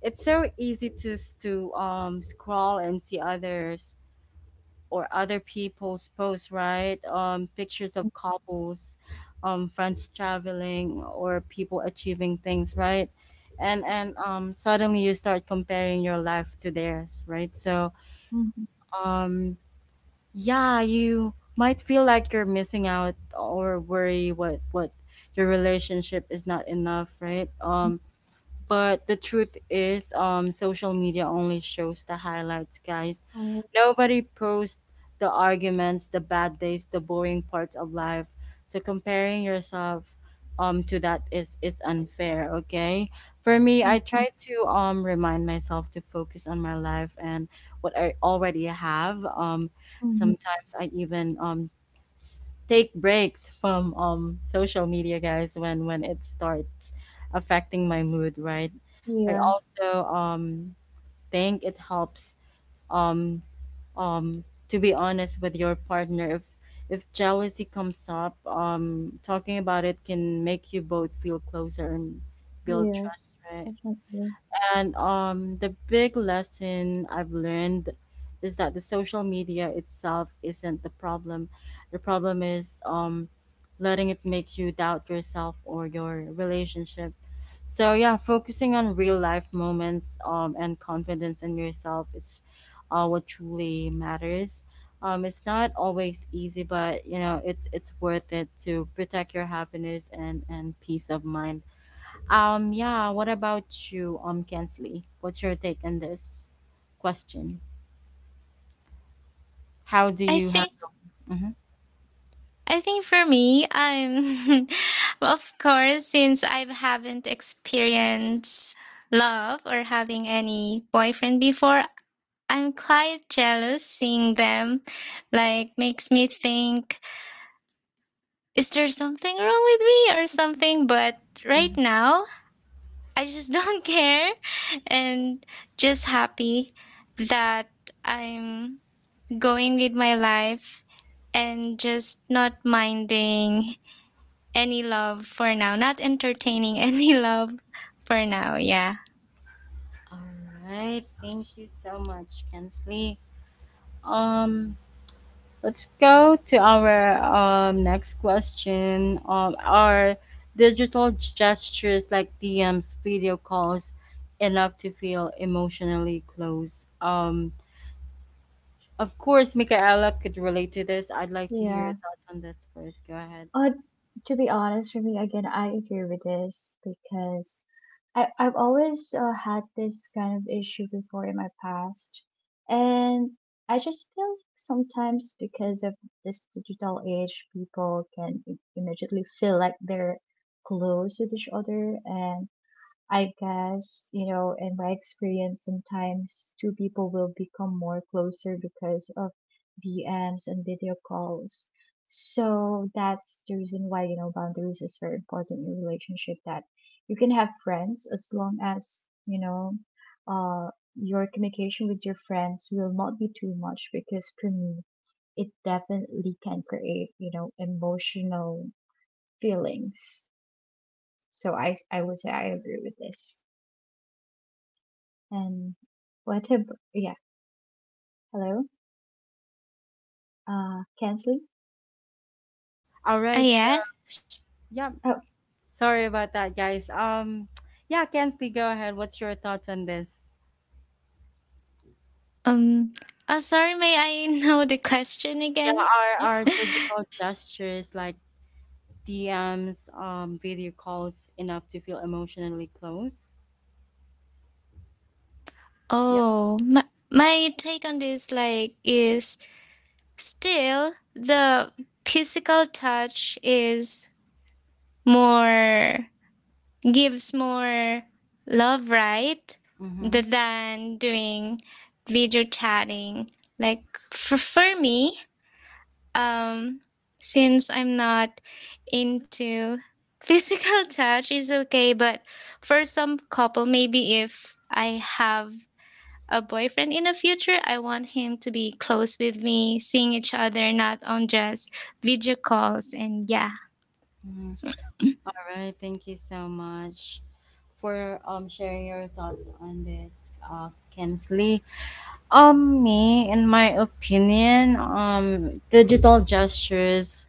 it's so easy to s- to um scroll and see others or other people's posts, right? Um, pictures of couples, um, friends traveling, or people achieving things, right? And and um suddenly you start comparing your life to theirs, right? So, Mhm. um yeah, you might feel like you're missing out or worry what what your relationship is not enough, right? Um but the truth is, um, social media only shows the highlights, guys. Right. Nobody posts the arguments, the bad days, the boring parts of life. So comparing yourself um to that is is unfair, okay? For me, I Mhm. try to um remind myself to focus on my life and what I already have. Um Mhm. sometimes I even um s- take breaks from um social media, guys, when when it starts affecting my mood, right? I Yeah, also um think it helps um um to be honest with your partner. If if jealousy comes up, um talking about it can make you both feel closer and build trust, yes, right? definitely. And um, the big lesson I've learned is that the social media itself isn't the problem. The problem is um, letting it make you doubt yourself or your relationship. So yeah, focusing on real life moments um, and confidence in yourself is uh, what truly matters. Um, it's not always easy, but you know it's it's worth it to protect your happiness and and peace of mind. Um, yeah, what about you, um, Kensley? What's your take on this question? How do I you have? think. Mhm, I think for me, I'm, <laughs> of course, since I haven't experienced love or having any boyfriend before, I'm quite jealous seeing them. Like, makes me think, is there something wrong with me or something? But right mhm. now, I just <laughs> don't care and just happy that I'm going with my life and just not minding any love for now. Not entertaining <laughs> any love for now. Yeah. All right, thank you so much, Kensley. Um, let's go to our um next question. Um, are digital gestures like D Ms, video calls, enough to feel emotionally close? Um, of course, Michaela could relate to this. I'd like to hear your Yeah. thoughts on this first. Go ahead. Uh, to be honest, for me, again, I agree with this, because I, I've always uh, had this kind of issue before in my past. And I just feel sometimes because of this digital age, people can i- immediately feel like they're close with each other. And I guess, you know, in my experience, sometimes two people will become more closer because of D Ms and video calls. So that's the reason why, you know, boundaries is very important in a relationship, that you can have friends as long as, you know, uh, your communication with your friends will not be too much, because for me, it definitely can create, you know, emotional feelings. So I, I would say I agree with this. And what about, yeah, hello, uh, canceling? All Ah, right, yeah. yep. Oh, Sorry about that, guys. Um, <tsk> yeah, Kensley, go ahead. What's your thoughts on this? Um. Oh, sorry. May I <laughs> know the question Yeah, again? are are digital gestures like D Ms, um, video calls enough to feel emotionally close? Yep. Oh, my, my take on this, like, is still the physical touch is more, gives more love, right? Mm-hmm. Th- Than doing video chatting. Like, for, for me, um, since I'm not into physical <laughs> touch, is okay. But for some couple, maybe if I have a boyfriend in the future, I want him to be close with me, seeing each other, not on just video calls. And yeah, Mm-hmm. All right. Thank you so much for um sharing your thoughts on this, uh, Kensley. Um, me, in my opinion, um, digital gestures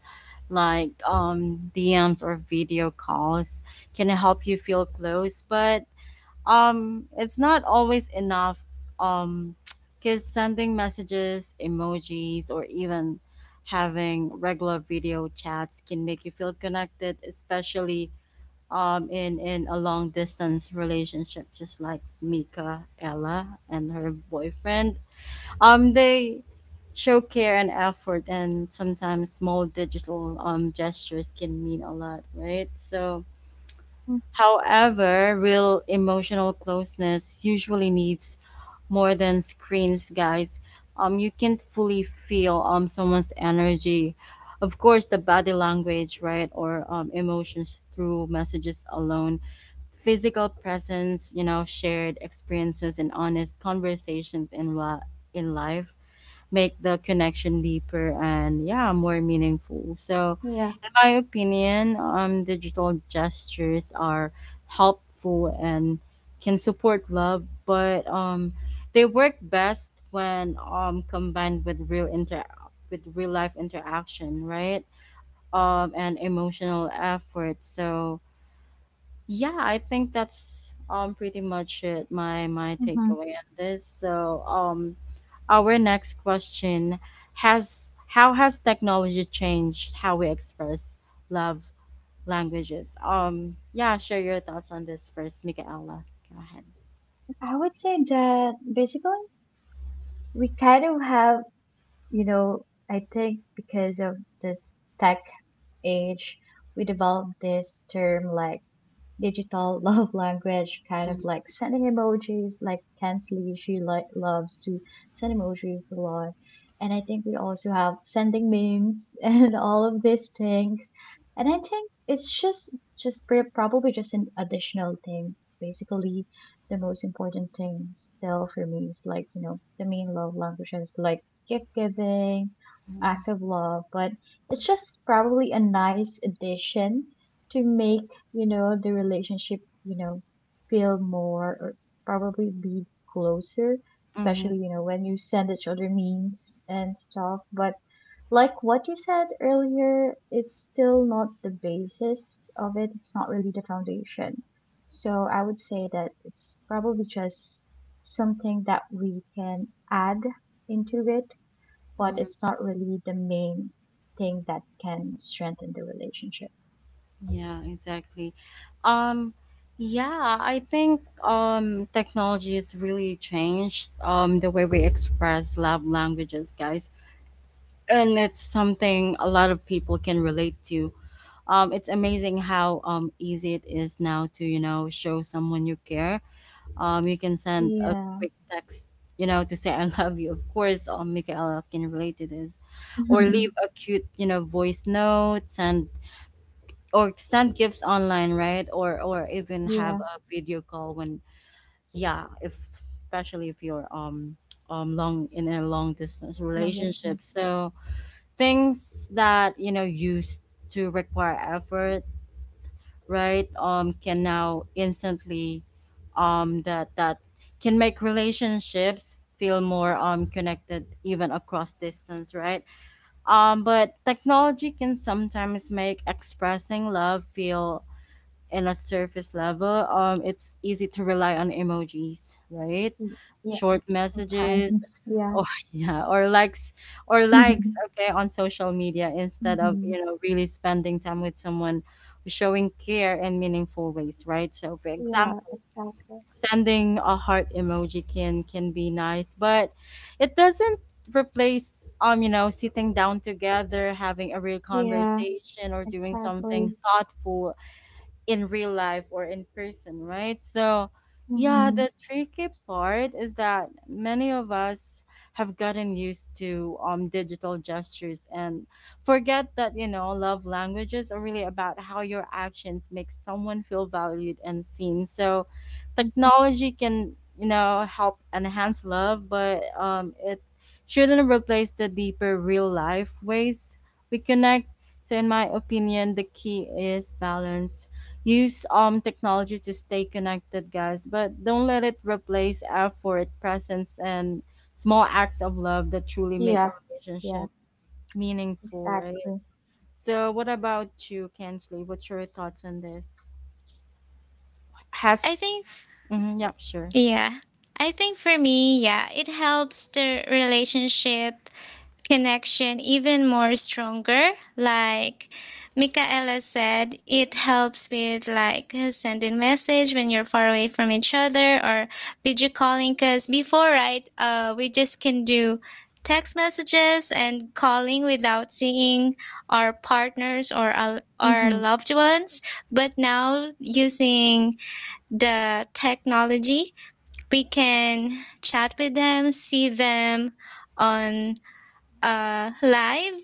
like um D Ms or video calls can help you feel close, but um it's not always enough um <tsk> cuz sending messages, emojis, or even having regular video chats can make you feel connected, especially um in in a long distance relationship, just like Mika Ella and her boyfriend. Um, they show care and effort, and sometimes small digital um, gestures can mean a lot, right? So, mm, however, real emotional closeness usually needs more than screens, guys. Um, you can't fully feel um someone's energy. Of course, the body language, right, or um, emotions through messages alone. Physical presence, you know, shared experiences, and honest conversations in la- in life make the connection deeper and, yeah, more meaningful. So yeah. in my opinion um digital gestures are helpful and can support love, but um they work best when um combined with real inter with real life interaction, right? Um, and emotional effort. So yeah, I think that's um pretty much it. My my Hmm. takeaway on this. So um our next question has how has technology changed how we express love languages. Um yeah, share your thoughts on this first, Michaela, go ahead. I would say that basically we kind of have, you know, I think because of the tech age, we developed this term like digital love <laughs> language, kind of like sending emojis. Like Kensley, she like loves to send emojis a lot, and I think we also have sending memes <laughs> and all of these things. And I think it's just just pr- probably just an additional thing. Basically, the most important thing still for me is like, you know, the main love languages, like gift giving, Mm-hmm. act of love, but it's just probably a nice addition to make, you know, the relationship, you know, feel more, or probably be closer, Mm-hmm. especially, you know, when you send each other memes and stuff. But like what you said earlier, it's still not the basis of it. It's not really the foundation. So I would say that it's probably just something that we can add into it, but it's not really the main thing that can strengthen the relationship. Yeah, exactly. Um, yeah, I think um technology has really changed um the way we express love languages, guys. And it's something a lot of people can relate to. Um, it's amazing how um easy it is now to, you know, show someone you care. Um, you can send a Yeah. quick text, you know, to say I love you. Of course, um Michaela can relate to this. Or leave a cute, you know, voice note, send or send gifts online, right? Or or even have <laughs> Yeah. a video call when yeah, if especially if you're um um long in a long distance relationship. Nervousness. So things that you know used to require effort, right? Um can now instantly um that that can make relationships feel more um connected even across distance, right? Um but technology can sometimes make expressing love feel in a surface level. Um, it's easy to rely on emojis, right? Y- Yeah, Short messages, sometimes. <laughs> Yeah. or <laughs> yeah, or likes, or likes, <laughs> okay, on social media instead of Hmm. you know really spending time with someone, showing care in meaningful ways, right? So, for Yeah, example, exactly. sending a heart emoji can can be nice, but it doesn't replace um you know sitting down together, having a real Yeah. conversation, or doing something Exactly. thoughtful in real life or in person, right? So, yeah, Hmm. the tricky part is that many of us have gotten used to um digital gestures and forget that, you know, love languages are really about how your actions make someone feel valued and seen. So, Mm, technology can, you know, help enhance love, but um it shouldn't replace the deeper real life ways we connect. So in my opinion, the key is balance. Use um technology to stay connected, guys, but don't let it replace effort, presence, and small acts of love that truly make yeah, a yeah, relationship meaningful, right? exactly. So, what about you, Kensley? What's your thoughts on this? I Has think, mm-hmm, yep, sure. yeah. I think for me, yeah, it helps the relationship connection even more stronger. Like Michaela said, it helps with, like, uh, sending message when you're far away from each other or video calling. Because before, right, uh, we just can do text messages and calling without seeing our partners or our, our Mm-hmm. loved ones. But now using the technology, we can chat with them, see them on uh, live,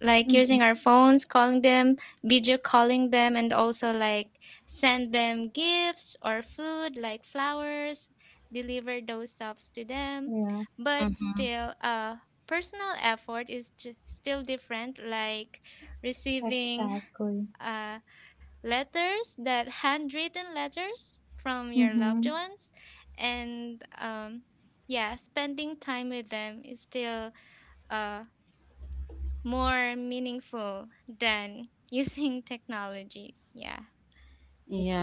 like Hmm. using our phones, calling them, video calling them, and also, like, send them gifts or food, like flowers, deliver those stuffs to them. Yeah. But Mm-hmm. still, uh, personal effort is j- still different, like receiving Exactly. uh, letters, that handwritten letters from your loved Hmm. ones, and um yeah, spending time with them is still uh more meaningful than <laughs> using technologies. Yeah.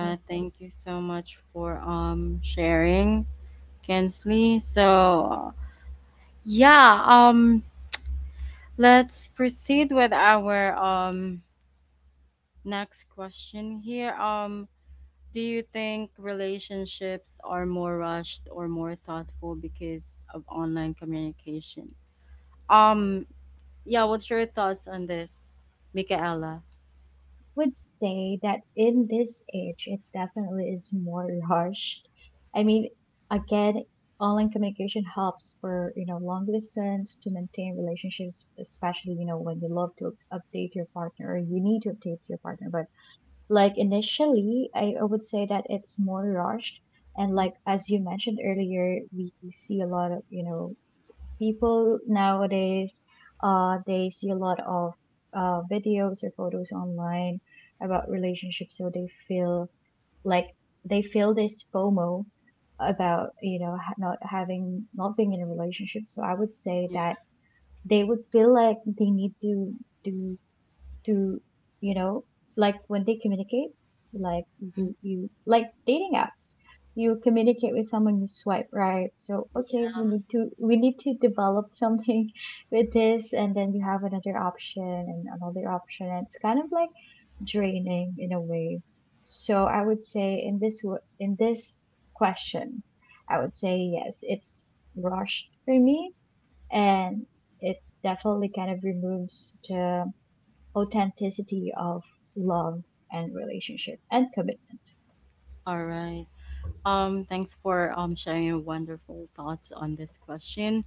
Yeah. thank you so much for um sharing, Kensley. So, yeah, um let's proceed with our um next question here. Um, do you think relationships are more rushed or more thoughtful because of online communication? Um, yeah, what's your thoughts on this, Michaela? Would say that in this age, it definitely is more rushed. I mean, again, online communication helps for, you know, long distance to maintain relationships, especially, you know, when you love to update your partner or you need to update your partner. But like initially, I, I would say that it's more rushed. And Mm, like as you mentioned earlier, we see a lot of, you know, s- people nowadays, uh, they see a lot of uh, videos or photos online about relationships, so they feel like they feel this FOMO about, you know, ha- not having, not being in a relationship. So I would say yeah. that they would feel like they need to do, to, you know, like when they communicate, like you, you like dating apps, you communicate with someone, you swipe right, so okay, we need to, we need to develop something <laughs> with this, and then you have another option and another option, and it's kind of like draining in a way. So I would say in this wo- in this question, I would say yes, it's rushed for me. And it definitely kind of removes the authenticity of love and relationship and commitment. All right. Um, thanks for um sharing your wonderful thoughts on this question.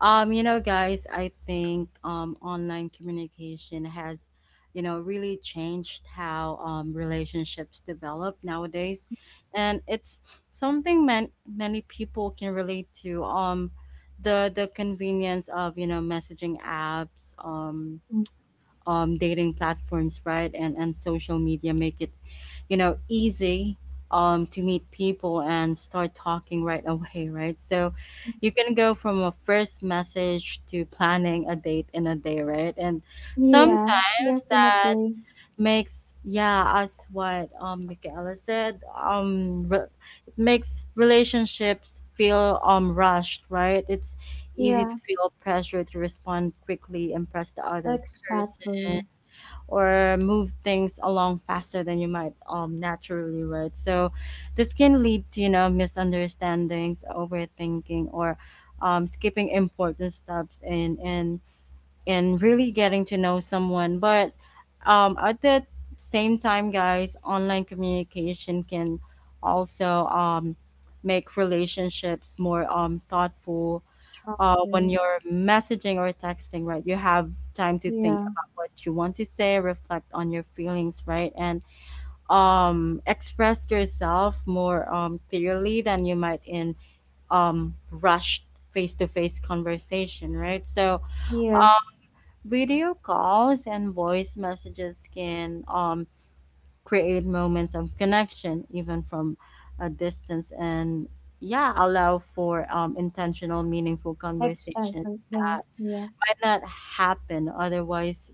Um, you know, guys, I think um, online communication has, you know, really changed how um, relationships develop nowadays, and it's something man- many people can relate to. Um, the the convenience of you know messaging apps, um, Mhm. um, dating platforms, right? And and social media make it, you know, easy um, to meet people and start talking right away, right? So you can go from a first message to planning a date in a day, right? And Yeah, sometimes that definitely. makes yeah as what um Michaela said um re- it makes relationships feel um rushed, right? It's easy to Yeah, feel pressure to respond quickly, impress the other person, exactly. or move things along faster than you might um, naturally would. So this can lead to, you know, misunderstandings, overthinking, or um, skipping important steps and, and, and really getting to know someone. But um, at the same time, guys, online communication can also um, make relationships more um, thoughtful. Uh, when Structure. you're messaging or texting, right, you have time to think Yeah, about what you want to say, reflect on your feelings, right, and um, express yourself more um, clearly than you might in um, rushed face-to-face conversation, right? So, uh, yeah, video calls and voice messages can um, create moments of connection, even from a distance, and yeah, allow for um, intentional, meaningful conversations exactly. Yeah, that yeah. might not happen otherwise,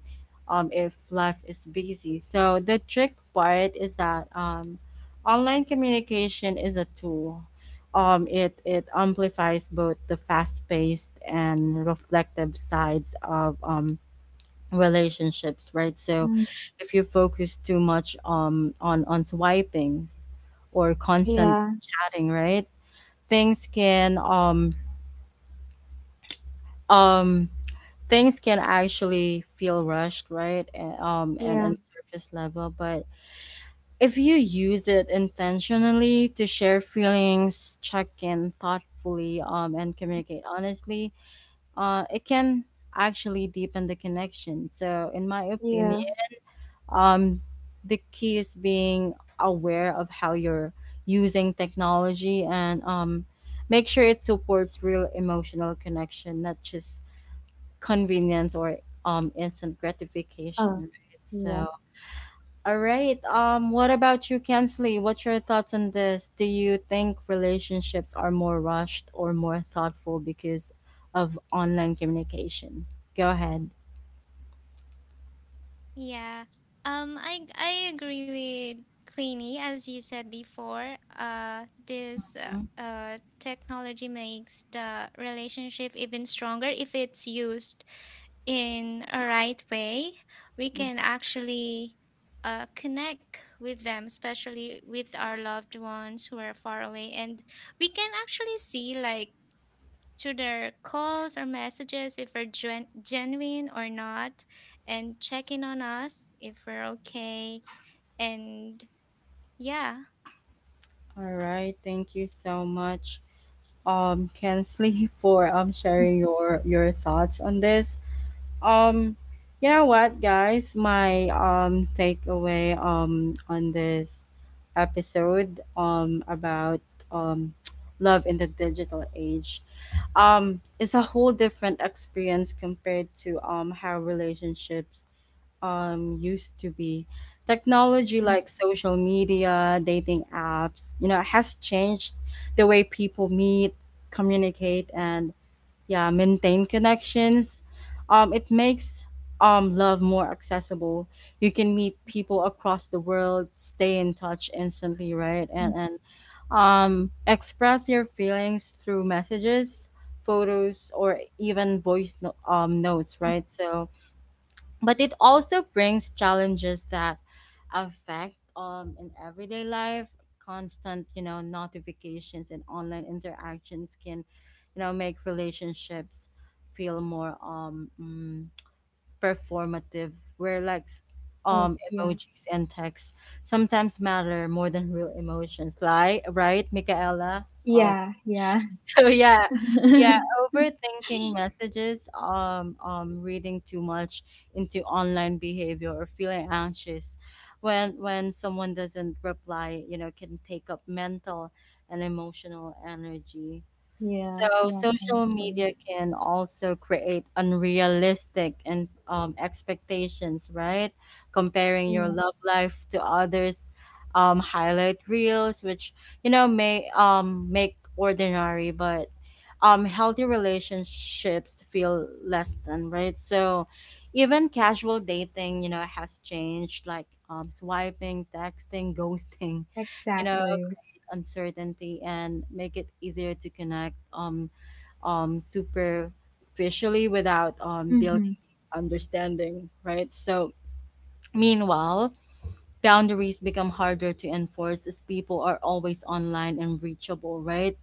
um, if life is busy. So the trick part is that um, online communication is a tool. Um, it, it amplifies both the fast paced and reflective sides of um, relationships, right? So Mm, if you focus too much, um, on, on swiping or constant yeah, chatting, right? Things can um, um, Things can actually feel rushed, right? A- Um, and yeah, on surface level, but if you use it intentionally to share feelings, check in thoughtfully, um, and communicate honestly, uh, it can actually deepen the connection. So, in my opinion, yeah. um, the key is being aware of how you're using technology and um, make sure it supports real emotional connection, not just convenience or um instant gratification, Oh, right? yeah. So, all right. Um, what about you, Kensley? What's your thoughts on this? Do you think relationships are more rushed or more thoughtful because of online communication? Go ahead. Yeah. Um I I agree with Queenie, as you said before. Uh this uh, uh technology makes the relationship even stronger if it's used in a right way. We Mhm. can actually uh, connect with them, especially with our loved ones who are far away, and we can actually see, like, to their calls or messages if we're gen- genuine or not, and checking on us if we're okay. And yeah, All right. Thank you so much, um, Kensley, <laughs> for um Mm, sharing your your thoughts on this. Um, you know what, guys? My um takeaway um on this episode um about um <tsk> love in the digital age um is a whole different experience compared to um how relationships um used to be. Technology mm, like social media, dating apps, you know, has changed the way people meet, communicate, and yeah, maintain connections. Um it makes um love more accessible. You can meet people across the world, stay in touch instantly, right, mm, and and um express your feelings through messages, photos, or even voice no- um notes, mm. right? So, but it also brings challenges that affect um in everyday life. Constant, you know, notifications and online interactions can, you know, make relationships feel more um mm, performative, where like s- Oh, um yeah. emojis and texts sometimes matter more than real emotions, like, right, Michaela? Yeah, yeah. <laughs> So yeah, yeah, <laughs> overthinking messages, um, um, reading too much into online behavior, or feeling anxious when when someone doesn't reply, you know, can take up mental and emotional energy. Yeah, So social definitely. media can also create unrealistic and, um, expectations, right? Comparing your Yeah, love life to others, um, highlight reels, which, you know, may um make ordinary but um healthy relationships feel less than, right? So even casual dating, you know, has changed, like, um swiping, texting, <laughs> ghosting, you know, exactly. uncertainty, and make it easier to connect um um superficially without um building Mm-hmm. understanding, right? So meanwhile, boundaries become harder to enforce as people are always online and reachable, right?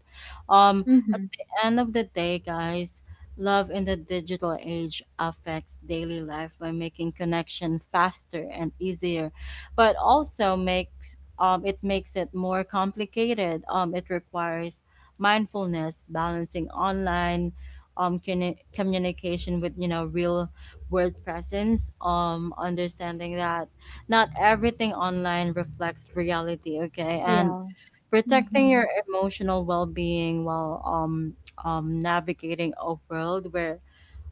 Um, at Mm-hmm. the end of the day, guys, love in the digital age affects daily life by making connection faster and easier, but also makes, um, it makes it more complicated. Um, it requires mindfulness, balancing online um, communi- communication with, you know, real world presence. Um, understanding that not everything online reflects reality, okay? And Real. protecting your Mm-hmm. emotional well-being while um um navigating a world where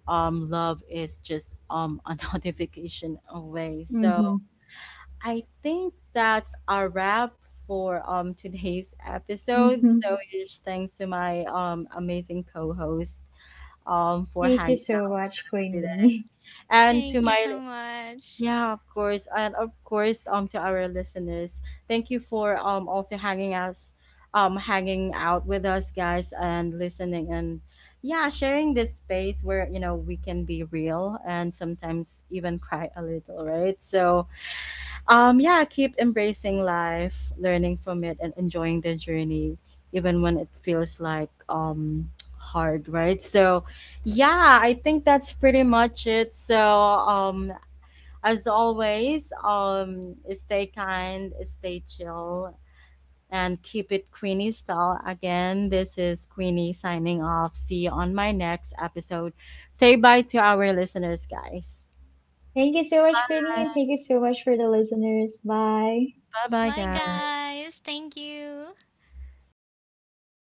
um love is just um a <laughs> notification away. So Mm-hmm. I think that's a wrap for um today's episode. So Mhm. huge thanks to my um amazing co-host um for Thank you hanging so out much, today. Queenie. And to thank you my so much. Yeah, of course. And of course, um to our listeners, thank you for um also hanging us um hanging out with us, guys, and listening, and yeah, sharing this space where, you know, we can be real and sometimes even cry a little, right? So, um yeah, keep embracing life, learning from it, and enjoying the journey even when it feels like um hard, right? So, yeah, I think that's pretty much it. So, um as always, um, stay kind, stay chill, and keep it Queenie style. Again, this is Queenie signing off. See you on my next episode. Say bye to our listeners, guys. <laughs> Thank you so much, Queenie, and thank you so much for the listeners. Bye. Bye bye, Bye, guys. guys. Thank you.